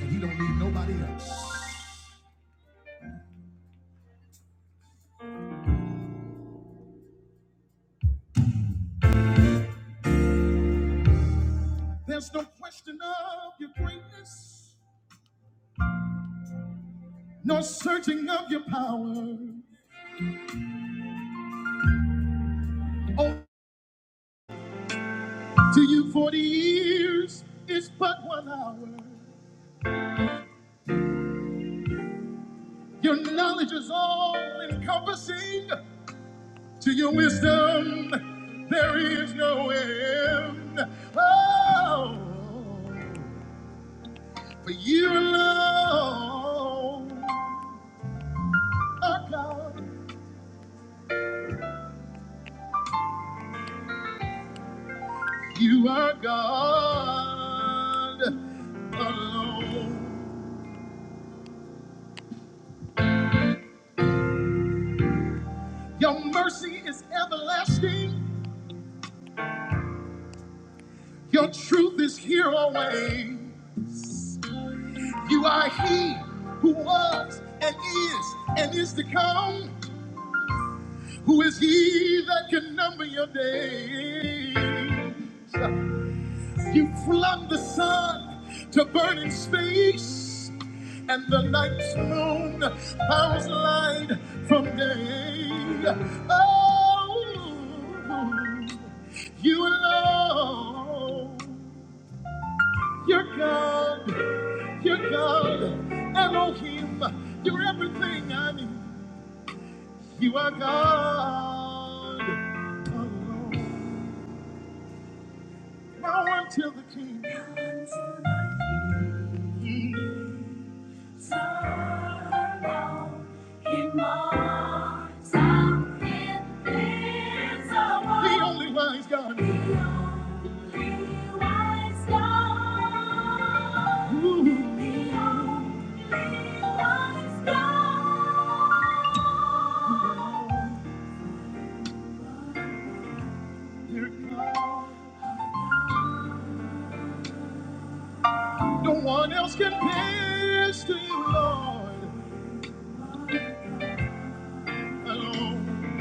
and he don't need nobody else. There's no question of your greatness, no searching of your power. Oh, to you, 40 years is but one hour. Your knowledge is all encompassing. To your wisdom, there is no end. Oh, for you alone are God. You are God alone. Your mercy is everlasting. Your truth is here always. You are He who was and is and is to come. Who is He that can number your days? You flung the sun to burn in space, and the night's moon bows light from day. Oh, you alone, you're God, you're God, Elohim, you're everything I need. You are God alone. Now until the King. The only wise God. The only wise God. Ooh. The only only God. Dear God. No one else compares to you, Lord. Alone.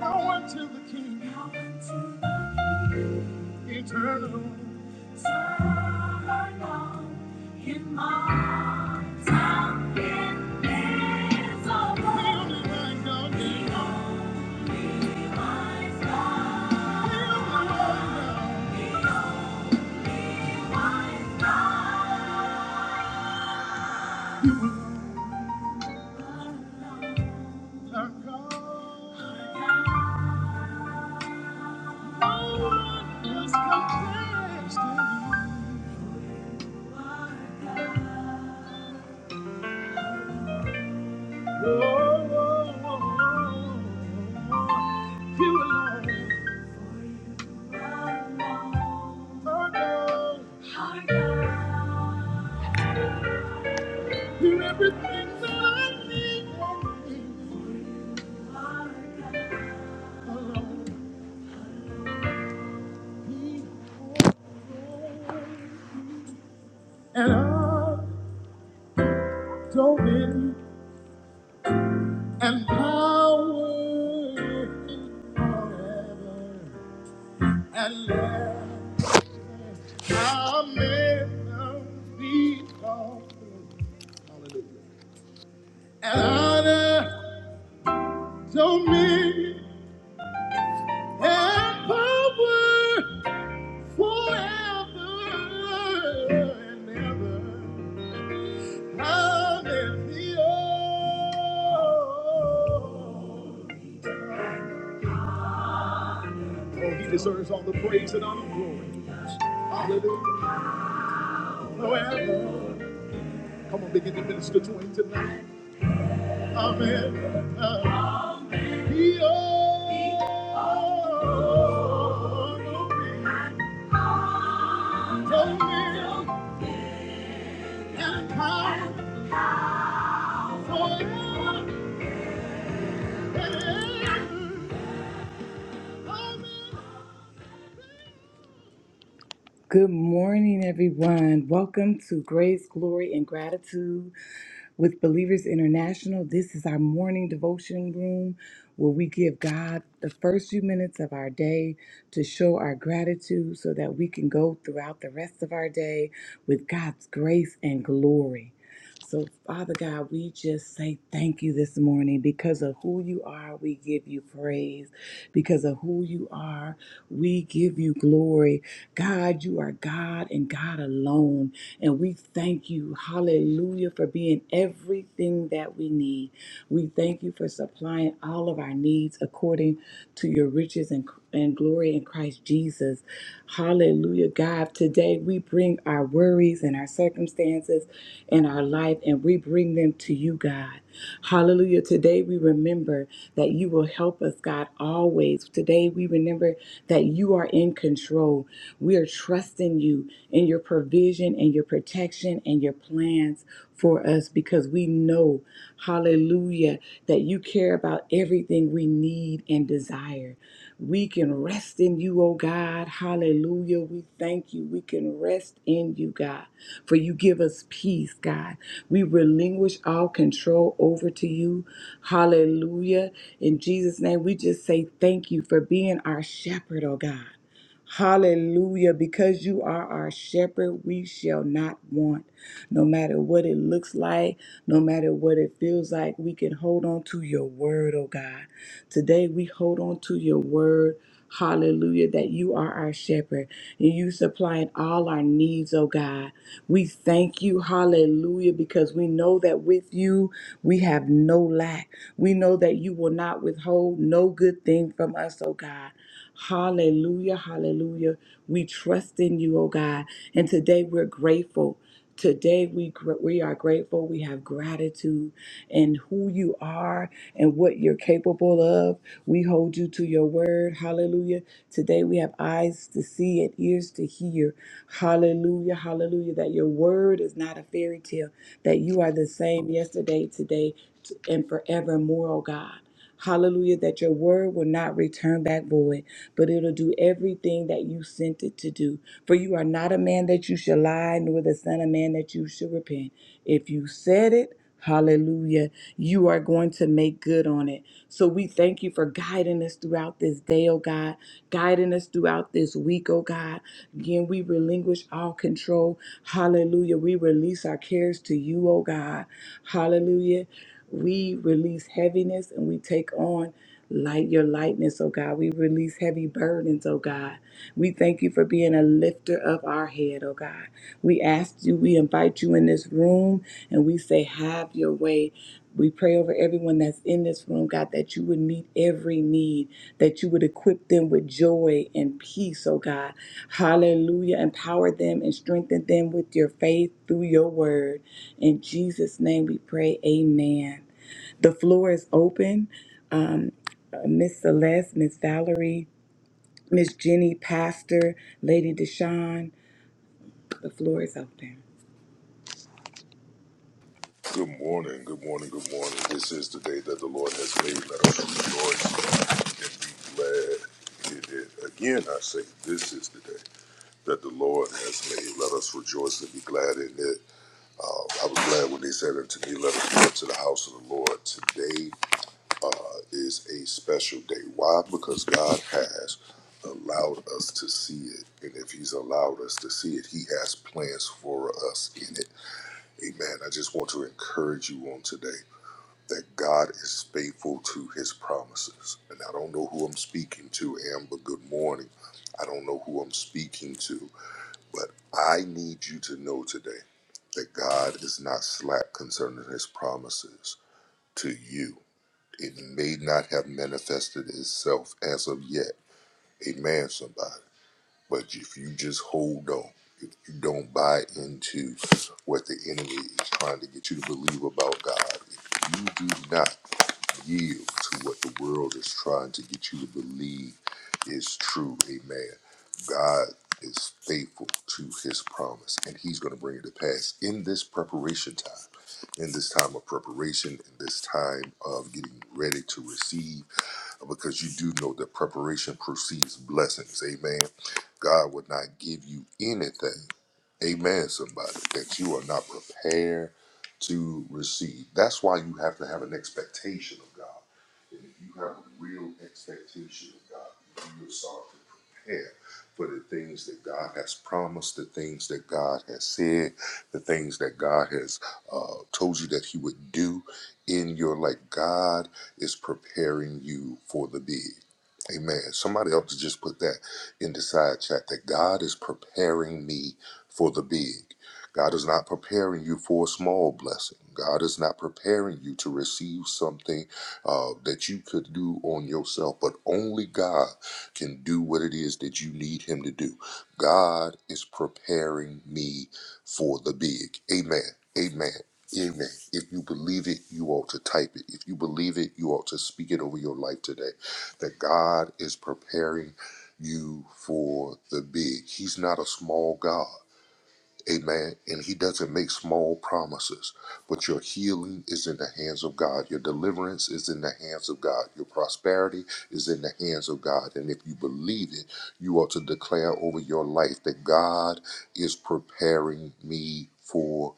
Now unto the King. Now unto the King. eternal. Somewhere long in my time, invisible. The only wise God. The only wise God. The only wise God. Our God. No one else compares to you. You are God. I everything that I need. And I dominion and power forever and ever. Our measures be called Hallelujah. And honor, dominion, and power forever and ever. Hallelujah. Oh, he deserves all the praise and honor and glory. Hallelujah. Forever. Come on, begin to minister to him tonight. Amen. Uh, He always told me and how forever and Good morning, everyone. Welcome to Grace, Glory, and Gratitude with Believers International. This is our morning devotion room where we give God the first few minutes of our day to show our gratitude so that we can go throughout the rest of our day with God's grace and glory. So, Father God, we just say thank you this morning because of who you are. We give you praise because of who you are. We give you glory God, you are God and God alone. And we thank you, hallelujah, for being everything that we need. We thank you for supplying all of our needs according to your riches and, and glory in Christ Jesus. Hallelujah, God. Today we bring our worries and our circumstances in our life and we bring them to you, God. Hallelujah. Today we remember that you will help us, God, always. Today we remember that you are in control. We are trusting you in your provision and your protection and your plans for us because we know, hallelujah, that you care about everything we need and desire. We can rest in you, oh God. Hallelujah. We thank you. We can rest in you, God, for you give us peace, God. We relinquish all control over to you. Hallelujah. In Jesus' name, we just say thank you for being our shepherd, oh God. Hallelujah. Because you are our shepherd, we shall not want. No matter what it looks like, no matter what it feels like, we can hold on to your word, oh God. Today we hold on to your word. Hallelujah, that you are our shepherd and you supplying all our needs, oh God. We thank you, hallelujah, because we know that with you we have no lack. We know that you will not withhold no good thing from us, oh God. Hallelujah, hallelujah. We trust in you, oh God. And today we're grateful. Today we gr- we are grateful. We have gratitude and who you are and what you're capable of. We hold you to your word. Hallelujah. Today we have eyes to see and ears to hear. Hallelujah. Hallelujah. That your word is not a fairy tale, that you are the same yesterday, today, t- and forevermore, oh God. Hallelujah, that your word will not return back void, but it'll do everything that you sent it to do. For you are not a man that you shall lie, nor the Son of Man that you shall repent. If you said it, hallelujah, you are going to make good on it. So we thank you for guiding us throughout this day, oh God, guiding us throughout this week, oh God. Again, we relinquish all control. Hallelujah. We release our cares to you, oh God. Hallelujah. We release heaviness and we take on light your lightness, oh God. We release heavy burdens, oh God. We thank you for being a lifter of our head, oh God. We ask you, we invite you in this room, and we say, Have your way. We pray over everyone that's in this room, God, that you would meet every need, that you would equip them with joy and peace, oh God. Hallelujah. Empower them and strengthen them with your faith through your word. In Jesus' name we pray, Amen. The floor is open. Um, uh, Miss Celeste, Miss Valerie, Miss Jenny, Pastor, Lady Deshawn, the floor is open. Good morning, good morning, good morning. This is the day that the Lord has made. Let us rejoice and be glad in it. Again, I say, this is the day that the Lord has made. Let us rejoice and be glad in it. I was glad when they said unto me, Let us go up to the house of the Lord. Today uh, is a special day. Why? Because God has allowed us to see it. And if He's allowed us to see it, He has plans for us in it. Amen. I just want to encourage you on today that God is faithful to his promises. And I don't know who I'm speaking to, Amber. Good morning. I don't know who I'm speaking to, but I need you to know today that God is not slack concerning his promises to you. It may not have manifested itself as of yet. Amen, somebody. But if you just hold on, if you don't buy into what the enemy is trying to get you to believe about God, if you do not Yield to what the world is trying to get you to believe is true. Amen. God is faithful to his promise, and he's going to bring it to pass in this preparation time, in this time of preparation, in this time of getting ready to receive because you do know that preparation precedes blessings. Amen. God would not give you anything, amen, somebody, that you are not prepared to receive. That's why you have to have an expectation of God. And if you have a real expectation of God, you will start to prepare for the things that God has promised, the things that God has said, the things that God has uh, told you that He would do in your life. God is preparing you for the big. Amen. Somebody else to just put that in the side chat that God is preparing me for the big. God is not preparing you for a small blessing. God is not preparing you to receive something uh, that you could do on yourself, but only God can do what it is that you need Him to do. God is preparing me for the big. Amen. Amen. Amen. If you believe it, you ought to type it. If you believe it, you ought to speak it over your life today. That God is preparing you for the big. He's not a small God. Amen. And he doesn't make small promises. But your healing is in the hands of God. Your deliverance is in the hands of God. Your prosperity is in the hands of God. And if you believe it, you ought to declare over your life that God is preparing me for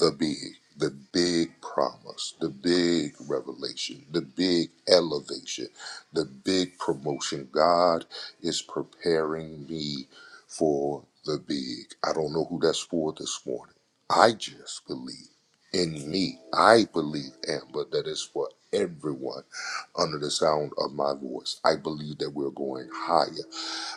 the big, the big promise, the big revelation, the big elevation, the big promotion. God is preparing me for the big. I don't know who that's for this morning. I just believe in me. I believe, Amber, that it's for everyone under the sound of my voice. I believe that we're going higher.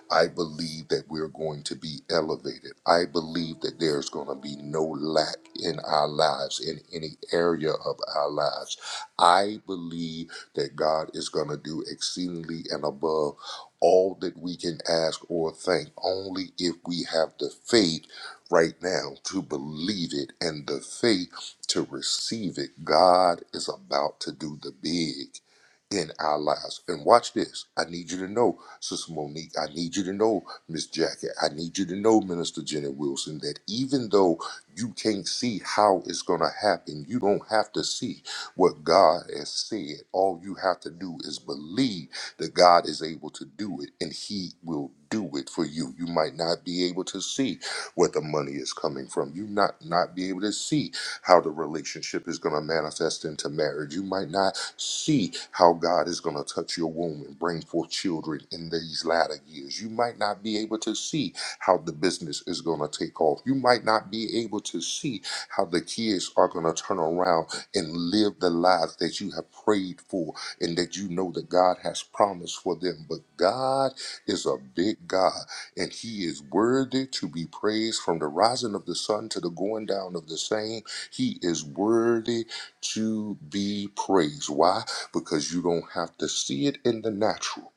I believe that we're going to be elevated. I believe that there's going to be no lack in our lives, in any area of our lives. I believe that God is going to do exceedingly and above all that we can ask or think, only if we have the faith right now to believe it and the faith to receive it. God is about to do the big in our lives. And watch this. I need you to know Sister Monique, I need you to know, Miss Jackie, I need you to know, Minister Jenny Wilson, that even though you can't see how it's going to happen, you don't have to see what God has said. All you have to do is believe that God is able to do it and He will do it for you. You might not be able to see where the money is coming from. You not not be able to see how the relationship is going to manifest into marriage. You might not see how God is going to touch your womb and bring forth children in these latter years. You might not be able to see how the business is going to take off. You might not be able to see how the kids are going to turn around and live the lives that you have prayed for and that you know that God has promised for them. But God is a big God and He is worthy to be praised from the rising of the sun to the going down of the same. He is worthy to be praised. Why? Because you don't have to see it in the natural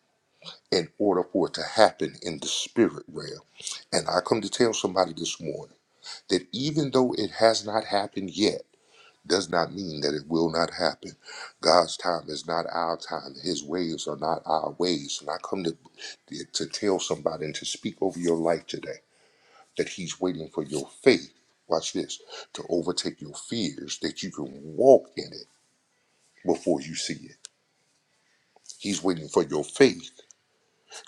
in order for it to happen in the spirit realm. And I come to tell somebody this morning that even though it has not happened yet, does not mean that it will not happen. God's time is not our time. His ways are not our ways. And I come to, to tell somebody and to speak over your life today that he's waiting for your faith, watch this, to overtake your fears that you can walk in it before you see it. He's waiting for your faith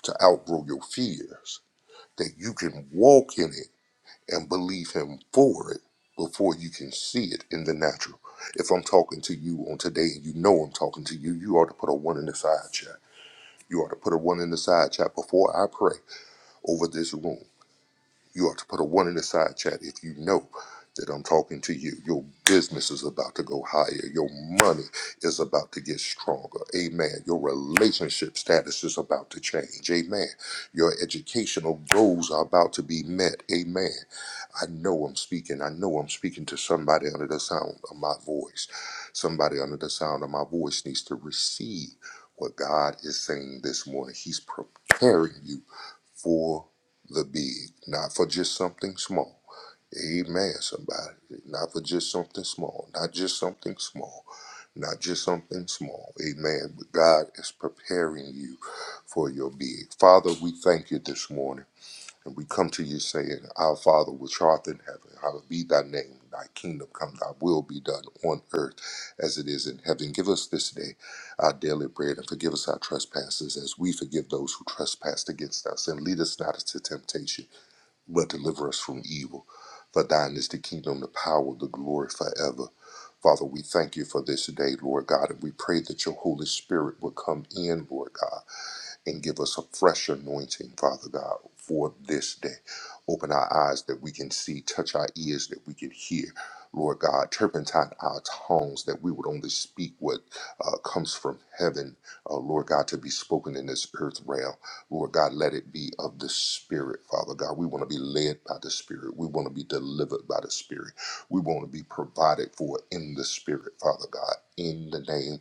to outgrow your fears, that you can walk in it and believe him for it before you can see it in the natural. If I'm talking to you on today and you know I'm talking to you, you ought to put a one in the side chat. You ought to put a one in the side chat before I pray over this room You ought to put a one in the side chat if you know that I'm talking to you. Your business is about to go higher. Your money is about to get stronger. Amen. Your relationship status is about to change. Amen. Your educational goals are about to be met. Amen. I know I'm speaking. I know I'm speaking to somebody under the sound of my voice. Somebody under the sound of my voice needs to receive what God is saying this morning. He's preparing you for the big, not for just something small. Amen, somebody. Not for just something small, not just something small, not just something small. Amen. But God is preparing you for your big. Father, we thank you this morning. And we come to you saying, Our Father, which art in heaven, hallowed be thy name. Thy kingdom come, thy will be done on earth as it is in heaven. Give us this day our daily bread and forgive us our trespasses as we forgive those who trespass against us. And lead us not into temptation, but deliver us from evil. For thine is the kingdom, the power, the glory forever. Father, we thank you for this day, Lord God, and we pray that your Holy Spirit will come in, Lord God and give us a fresh anointing, Father God, for this day. Open our eyes that we can see, touch our ears that we can hear. Lord God, turpentine our tongues that we would only speak what uh, comes from heaven, uh, Lord God, to be spoken in this earth realm. Lord God, let it be of the Spirit, Father God. We want to be led by the Spirit. We want to be delivered by the Spirit. We want to be provided for in the Spirit, Father God, in the name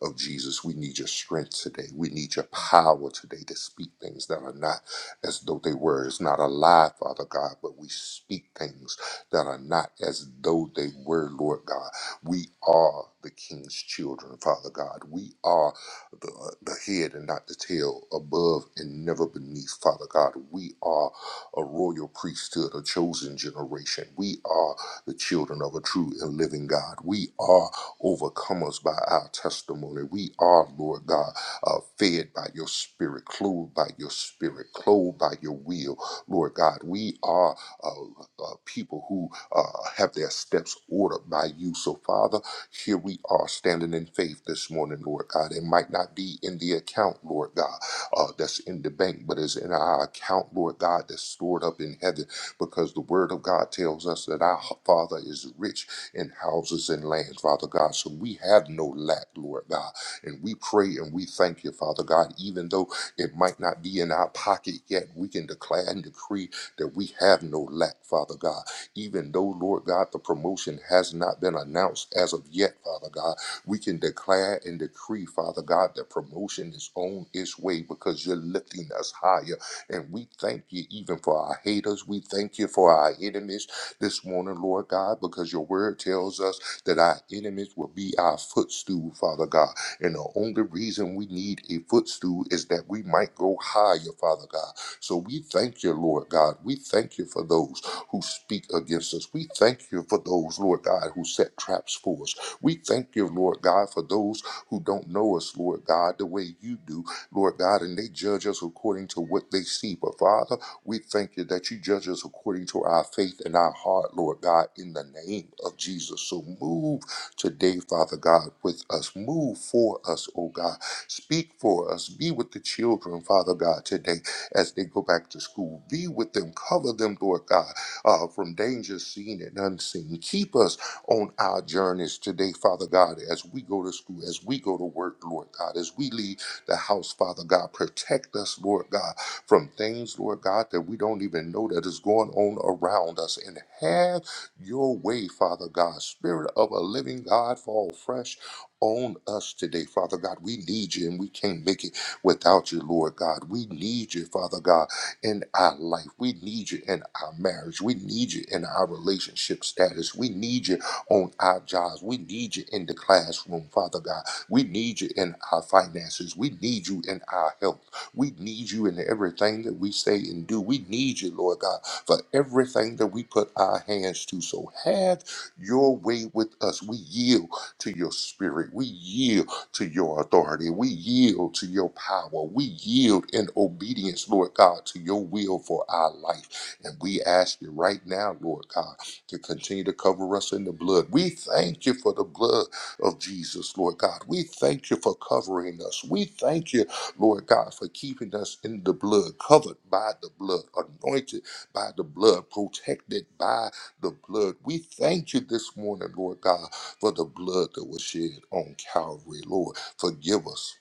Oh, Jesus, we need your strength today. We need your power today to speak things that are not as though they were. It's not a lie, Father God, but we speak things that are not as though they were, Lord God. We are the King's children, Father God. We are the, the head and not the tail, above and never beneath, Father God. We are a royal priesthood, a chosen generation. We are the children of a true and living God. We are overcomers by our testimony. We are, Lord God, uh, fed by your spirit, clothed by your spirit, clothed by your will. Lord God, we are uh, uh, people who uh, have their steps ordered by you. So, Father, here we are standing in faith this morning, Lord God. It might not be in the account, Lord God, uh, that's in the bank, but it's in our account, Lord God, that's stored up in heaven because the word of God tells us that our Father is rich and houses and lands, Father God. So we have no lack, Lord God. And we pray and we thank you, Father God, even though it might not be in our pocket yet, we can declare and decree that we have no lack, Father God. Even though, Lord God, the promotion has not been announced as of yet, Father God, we can declare and decree, Father God, that promotion is on its way because you're lifting us higher. And we thank you even for our haters. We thank you for our enemies this morning, Lord God, because your word tells us that our enemies will be our footstool, Father God. And the only reason we need a footstool is that we might go higher, Father God. So we thank you, Lord God. We thank you for those who speak against us. We thank you for those, Lord God, who set traps for us. We thank you, Lord God, for those who don't know us, Lord God, the way you do, Lord God, and they judge us according to what they see. But Father, we thank you that you judge us according to our faith and our heart, Lord God, in the name of Jesus. So move today, Father God, with us. Move for us, oh God. Speak for us. Be with the children, Father God, today as they go back to school. Be with them. Cover them, Lord God, uh, from danger seen and unseen. Keep us on our journeys today, Father God, as we go to school, as we go to work, Lord God, as we leave the house, Father God. Protect us, Lord God from things, Lord God, that we don't even know that is going on around us. And have your way, Father God. Spirit of a living God, fall fresh on us today, Father God. We need you and we can't make it without you, Lord God. We need you, Father God, in our life. We need you in our marriage. We need you in our relationship status. We need you on our jobs. We need you in the classroom, Father God. We need you in our finances. We need you in our health. We need you in everything that we say and do. We need you, Lord God, for everything that we put our hands to. So have your way with us. We yield to your spirit. We yield to your authority. We yield to your power. We yield in obedience, Lord God, to your will for our life. And we ask you right now, Lord God, to continue to cover us in the blood. We thank you for the blood of Jesus, Lord God. We thank you for covering us. We thank you Lord God, for keeping us in the blood, covered by the blood, anointed by the blood, protected by the blood. We thank you this morning, Lord God, for the blood that was shed on Calvary, Lord. Forgive us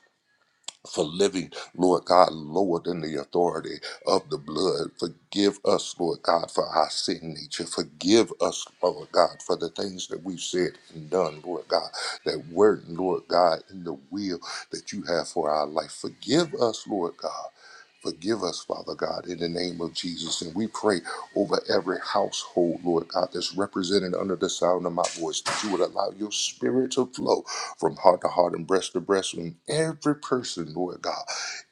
for living, Lord God, lower than the authority of the blood. Forgive us, Lord God, for our sin nature. Forgive us, Lord God, for the things that we've said and done, Lord God, that weren't, Lord God, in the will that you have for our life. Forgive us, Lord God. Forgive us, Father God, in the name of Jesus. And we pray over every household, Lord God, that's represented under the sound of my voice, that you would allow your spirit to flow from heart to heart and breast to breast in every person, Lord God,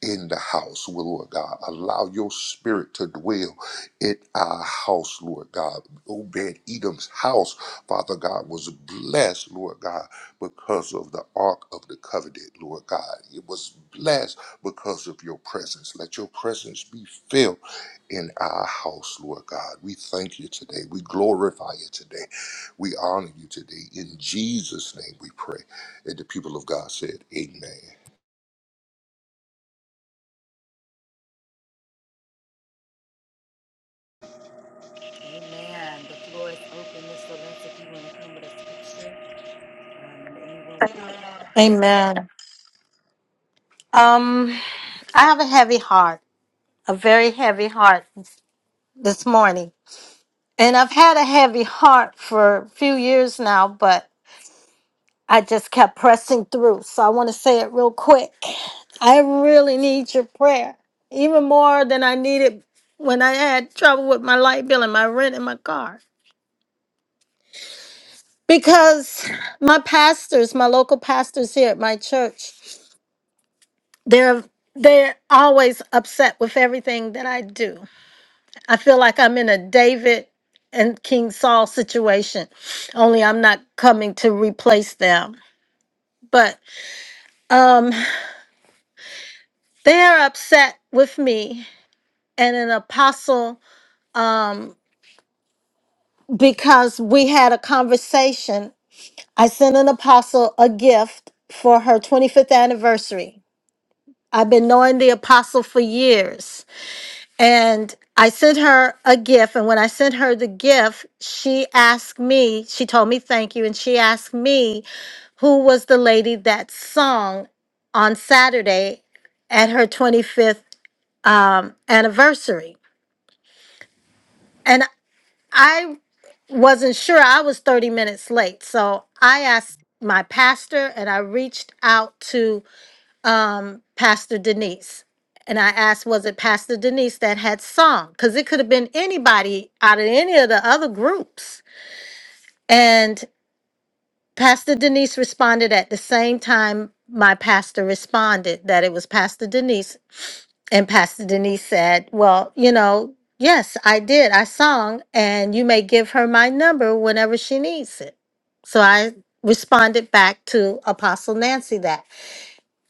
in the house, Well, Lord God. Allow your spirit to dwell in our house, Lord God. Obed Edom's house, Father God, was blessed, Lord God because of the ark of the covenant, Lord God. It was blessed because of your presence. Let your presence be filled in our house, Lord God. We thank you today. We glorify you today. We honor you today. In Jesus' name we pray. And the people of God said, Amen. Amen. The floor is open, Mr. Lynch, if you want to come with a scripture. Um, Amen. Um, I have a heavy heart, a very heavy heart this morning. And I've had a heavy heart for a few years now, but I just kept pressing through. So I want to say it real quick. I really need your prayer, even more than I needed when I had trouble with my light bill and my rent and my car. Because my pastors, my local pastors here at my church, they're they're always upset with everything that I do. I feel like I'm in a David and King Saul situation, only I'm not coming to replace them. But um, they are upset with me and an apostle um, because we had a conversation. I sent an apostle a gift for her 25th anniversary. I've been knowing the apostle for years. And I sent her a gift. And when I sent her the gift, she asked me, she told me thank you. And she asked me who was the lady that sung on Saturday at her 25th um, anniversary. And I wasn't sure, I was 30 minutes late. So I asked my pastor and I reached out to um, Pastor Denise. And I asked, was it Pastor Denise that had sung? Because it could have been anybody out of any of the other groups. And Pastor Denise responded at the same time my pastor responded that it was Pastor Denise. And Pastor Denise said, Well, you know, yes, I did. I sung, and you may give her my number whenever she needs it. So I responded back to Apostle Nancy that.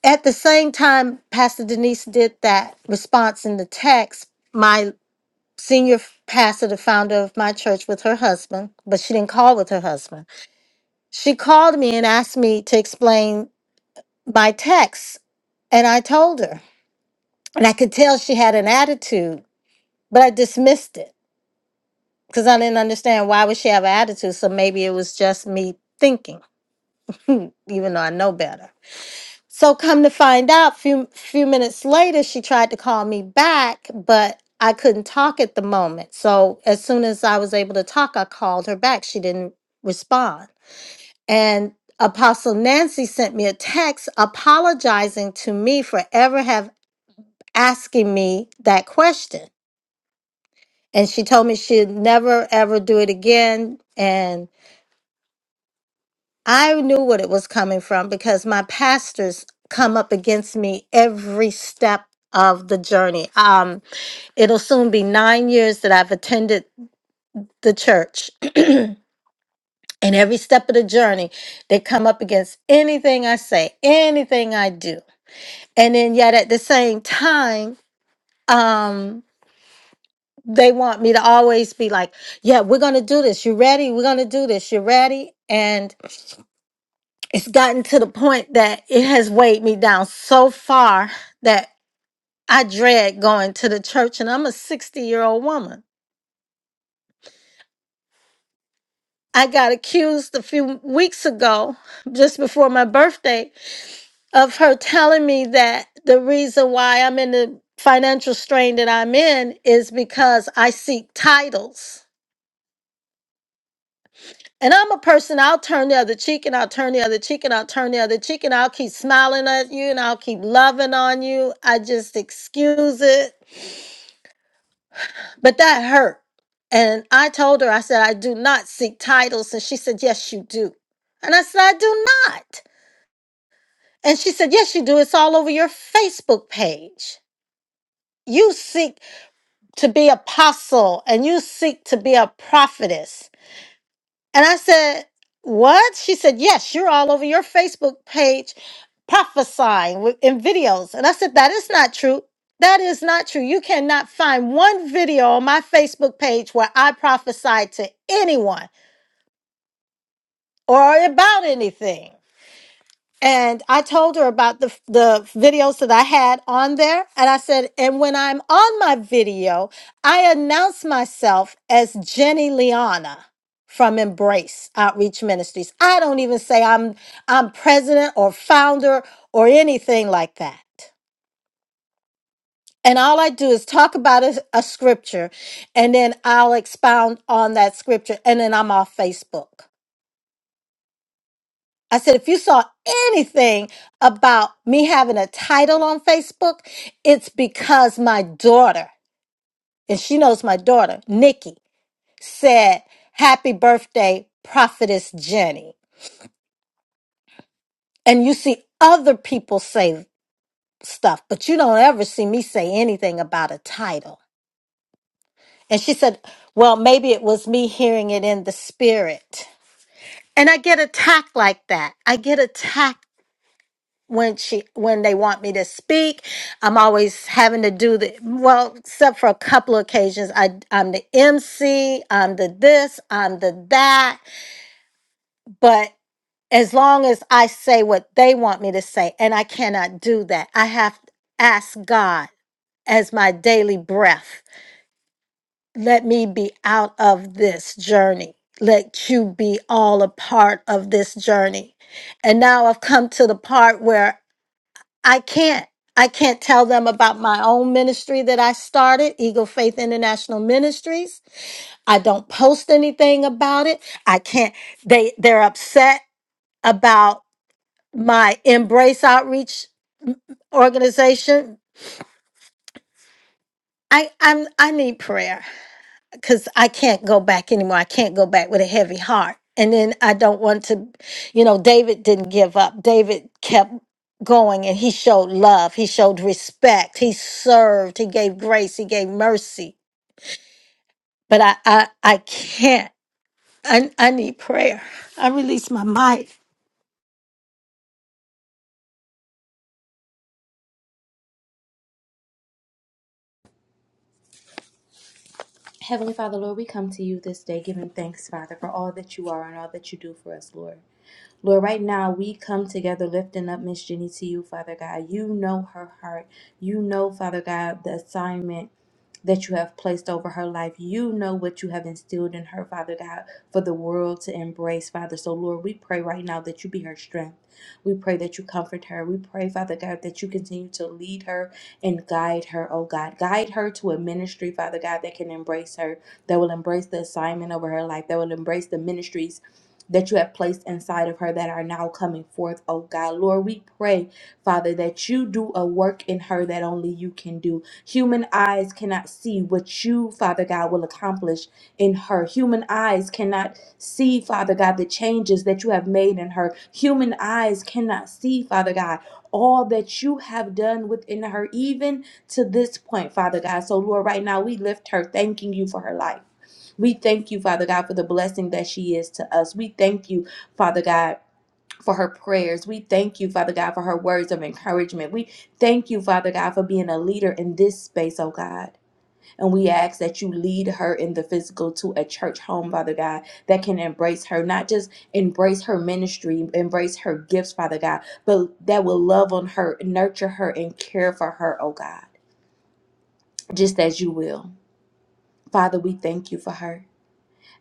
At the same time, Pastor Denise did that response in the text, my senior pastor, the founder of my church, with her husband, but she didn't call with her husband she called me and asked me to explain my text, and I told her. And I could tell she had an attitude, but I dismissed it because I didn't understand why would she have an attitude. So maybe it was just me thinking, even though I know better. So come to find out, few few minutes later, she tried to call me back, but I couldn't talk at the moment. So as soon as I was able to talk, I called her back. She didn't respond. And Apostle Nancy sent me a text apologizing to me for ever have asking me that question. And she told me she'd never ever do it again. And I knew what it was coming from because my pastors come up against me every step of the journey. Um, it'll soon be nine years that I've attended the church. and every step of the journey, they come up against anything I say, anything I do. and then yet at the same time um they want me to always be like yeah we're gonna do this you ready we're gonna do this you ready and it's gotten to the point that it has weighed me down so far that i dread going to the church and i'm a 60 year old woman i got accused a few weeks ago just before my birthday of her telling me that the reason why i'm in the financial strain that i'm in is because i seek titles And I'm a person, I'll turn the other cheek and I'll turn the other cheek and I'll turn the other cheek and I'll keep smiling at you and I'll keep loving on you. I just excuse it. But that hurt. And I told her, I said, I do not seek titles. And she said, Yes, you do. And I said, I do not. And she said, Yes, you do. It's all over your Facebook page. You seek to be apostle and you seek to be a prophetess And I said, What? She said, Yes, you're all over your Facebook page prophesying with- in videos. And I said, That is not true. That is not true. You cannot find one video on my Facebook page where I prophesied to anyone or about anything and I told her about the the videos that I had on there, and I said, and when I'm on my video, I announce myself as Jenny Liana from Embrace Outreach Ministries. I don't even say I'm I'm president or founder or anything like that. And all I do is talk about a, a scripture, and then I'll expound on that scripture, and then I'm off Facebook. I said, if you saw anything about me having a title on Facebook, it's because my daughter, and she knows my daughter, Nikki, said, Happy birthday, Prophetess Jenny. And you see other people say stuff, but you don't ever see me say anything about a title. And she said, Well, maybe it was me hearing it in the spirit. And I get attacked like that. I get attacked when she when they want me to speak i'm always having to do the well except for a couple of occasions i i'm the mc i'm the this i'm the that but as long as i say what they want me to say and i cannot do that i have to ask god as my daily breath let me be out of this journey let you be all a part of this journey and now i've come to the part where I can't I can't tell them about my own ministry that I started, Eagle Faith International Ministries. I don't post anything about it. I can't they they're upset about my Embrace Outreach organization. I I'm I need prayer. because I can't go back anymore. I can't go back with a heavy heart. And then I don't want to, you know, David didn't give up. David kept going and he showed love, he showed respect, he served, he gave grace, he gave mercy. But I I, I can't. I, I need prayer. I release my mic. Heavenly Father, Lord, we come to you this day giving thanks, Father, for all that you are and all that you do for us, Lord. Lord, right now we come together lifting up Miss Jenny to you, Father God. You know her heart. You know, Father God, the assignment that you have placed over her life. You know what you have instilled in her, Father God, for the world to embrace, Father. So, Lord, we pray right now that you be her strength. We pray that you comfort her. We pray, Father God, that you continue to lead her and guide her, oh God. Guide her to a ministry, Father God, that can embrace her, that will embrace the assignment over her life, that will embrace the ministries. That you have placed inside of her that are now coming forth, oh God. Lord, we pray, Father, that you do a work in her that only you can do. Human eyes cannot see what you, Father God, will accomplish in her. Human eyes cannot see, Father God, the changes that you have made in her. Human eyes cannot see, Father God, all that you have done within her, even to this point, Father God. So, Lord, right now we lift her, thanking you for her life. We thank you, Father God, for the blessing that she is to us. We thank you, Father God for her prayers. We thank you, Father God, for her words of encouragement. We thank you, Father God, for being a leader in this space, oh God. And we ask that you lead her in the physical to a church home, Father God, that can embrace her, not just embrace her ministry, embrace her gifts, Father God, but that will love on her, nurture her, and care for her, oh God, just as you will. Father, we thank you for her.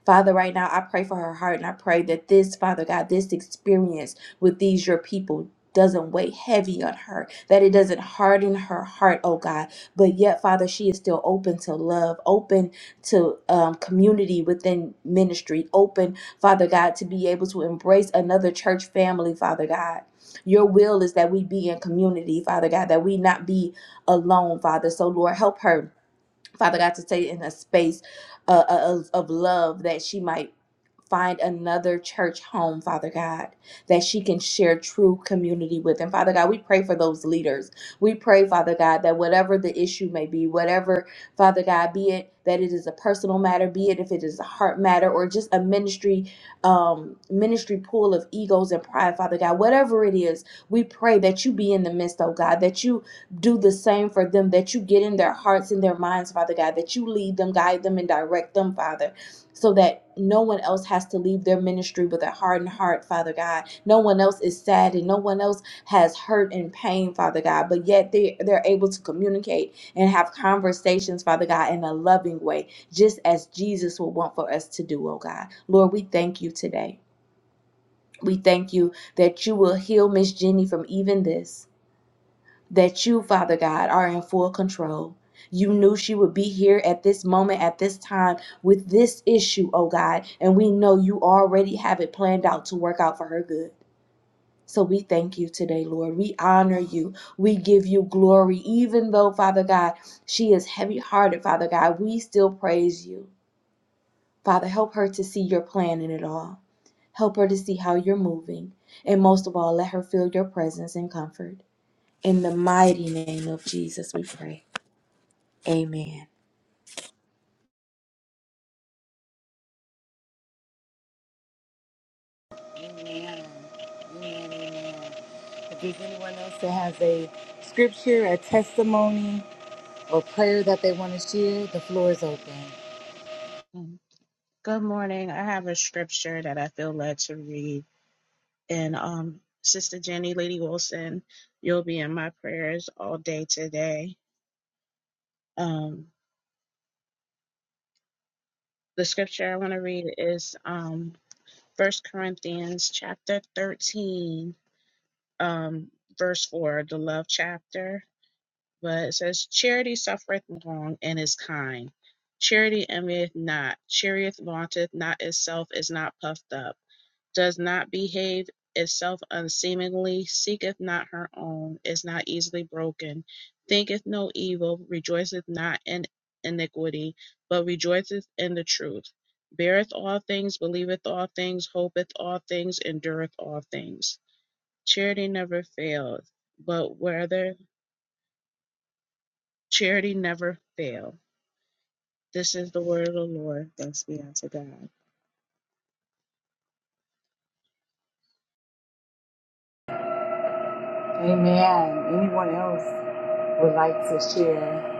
Father, right now, I pray for her heart and I pray that this, Father God, this experience with these, your people, doesn't weigh heavy on her, that it doesn't harden her heart, oh God. But yet, Father, she is still open to love, open to um, community within ministry, open, Father God, to be able to embrace another church family, Father God. Your will is that we be in community, Father God, that we not be alone, Father. So, Lord, help her Father God, to stay in a space uh, uh, of, of love that she might find another church home, Father God, that she can share true community with. And Father God, we pray for those leaders. We pray, Father God, that whatever the issue may be, whatever, Father God, be it that it is a personal matter, be it if it is a heart matter or just a ministry, um, ministry pool of egos and pride, Father God, whatever it is, we pray that you be in the midst, oh God, that you do the same for them, that you get in their hearts and their minds, Father God, that you lead them, guide them, and direct them, Father so that no one else has to leave their ministry with a hardened heart, Father God. No one else is sad and no one else has hurt and pain, Father God, but yet they, they're able to communicate and have conversations, Father God, in a loving way, just as Jesus would want for us to do, oh God. Lord, we thank you today. We thank you that you will heal Miss Jenny from even this that you, Father God, are in full control. You knew she would be here at this moment, at this time, with this issue, oh God. And we know you already have it planned out to work out for her good. So we thank you today, Lord. We honor you. We give you glory. Even though, Father God, she is heavy hearted, Father God, we still praise you. Father, help her to see your plan in it all. Help her to see how you're moving. And most of all, let her feel your presence and comfort. In the mighty name of Jesus, we pray. Amen. anyone? Amen. Amen. Amen. If there's anyone else that has a scripture, a testimony, or prayer that they want to share, the floor is open. Um, Good morning. I have a scripture that I feel led to read. And um, Sister Jenny, Lady Wilson, you'll be in my prayers all day today. Um, the scripture I want to read is um, 1 Corinthians chapter 13, um, verse 4, the love chapter. But it says, Charity suffereth long and is kind. Charity envieth not. Charity vaunteth not itself, is not puffed up does not behave itself unseemingly, seeketh not her own, is not easily broken, thinketh no evil, rejoiceth not in iniquity, but rejoiceth in the truth, beareth all things, believeth all things, hopeth all things, endureth all things. Charity never faileth, but whether charity never fail. This is the word of the Lord. Thanks be unto God. Amen. Anyone else would like to share?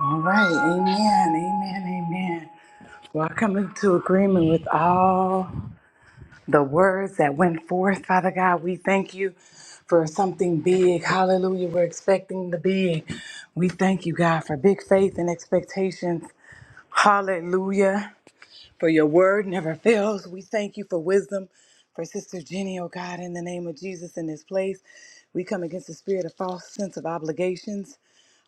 All right. Amen. Amen. Amen. Well, I come into agreement with all. the words that went forth, Father God. We thank you for something big. Hallelujah. We're expecting the big. We thank you, God, for big faith and expectations. Hallelujah. For your word never fails. We thank you for wisdom for Sister Jenny, oh God, in the name of Jesus in this place. We come against the spirit of false sense of obligations.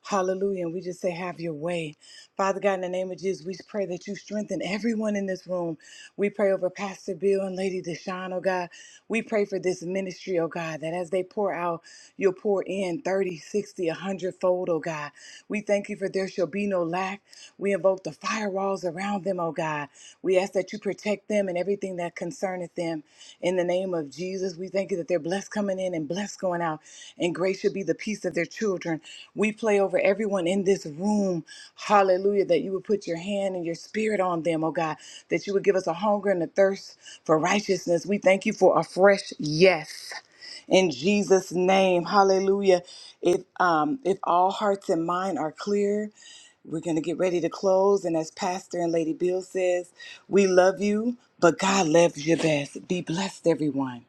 Hallelujah. And we just say, have your way. Father God, in the name of Jesus, we pray that you strengthen everyone in this room. We pray over Pastor Bill and Lady Deshawn, oh God. We pray for this ministry, oh God, that as they pour out, you'll pour in 30, 60, 100 fold, oh God. We thank you for there shall be no lack. We invoke the firewalls around them, oh God. We ask that you protect them and everything that concerneth them. In the name of Jesus, we thank you that they're blessed coming in and blessed going out, and great should be the peace of their children. We play over everyone in this room, hallelujah, that you would put your hand and your spirit on them, oh God, that you would give us a hunger and a thirst for righteousness. We thank you for a fresh yes in Jesus' name. Hallelujah. If um if all hearts and mind are clear, we're going to get ready to close. And as Pastor and Lady Bill says, we love you, but God loves you best. Be blessed, everyone.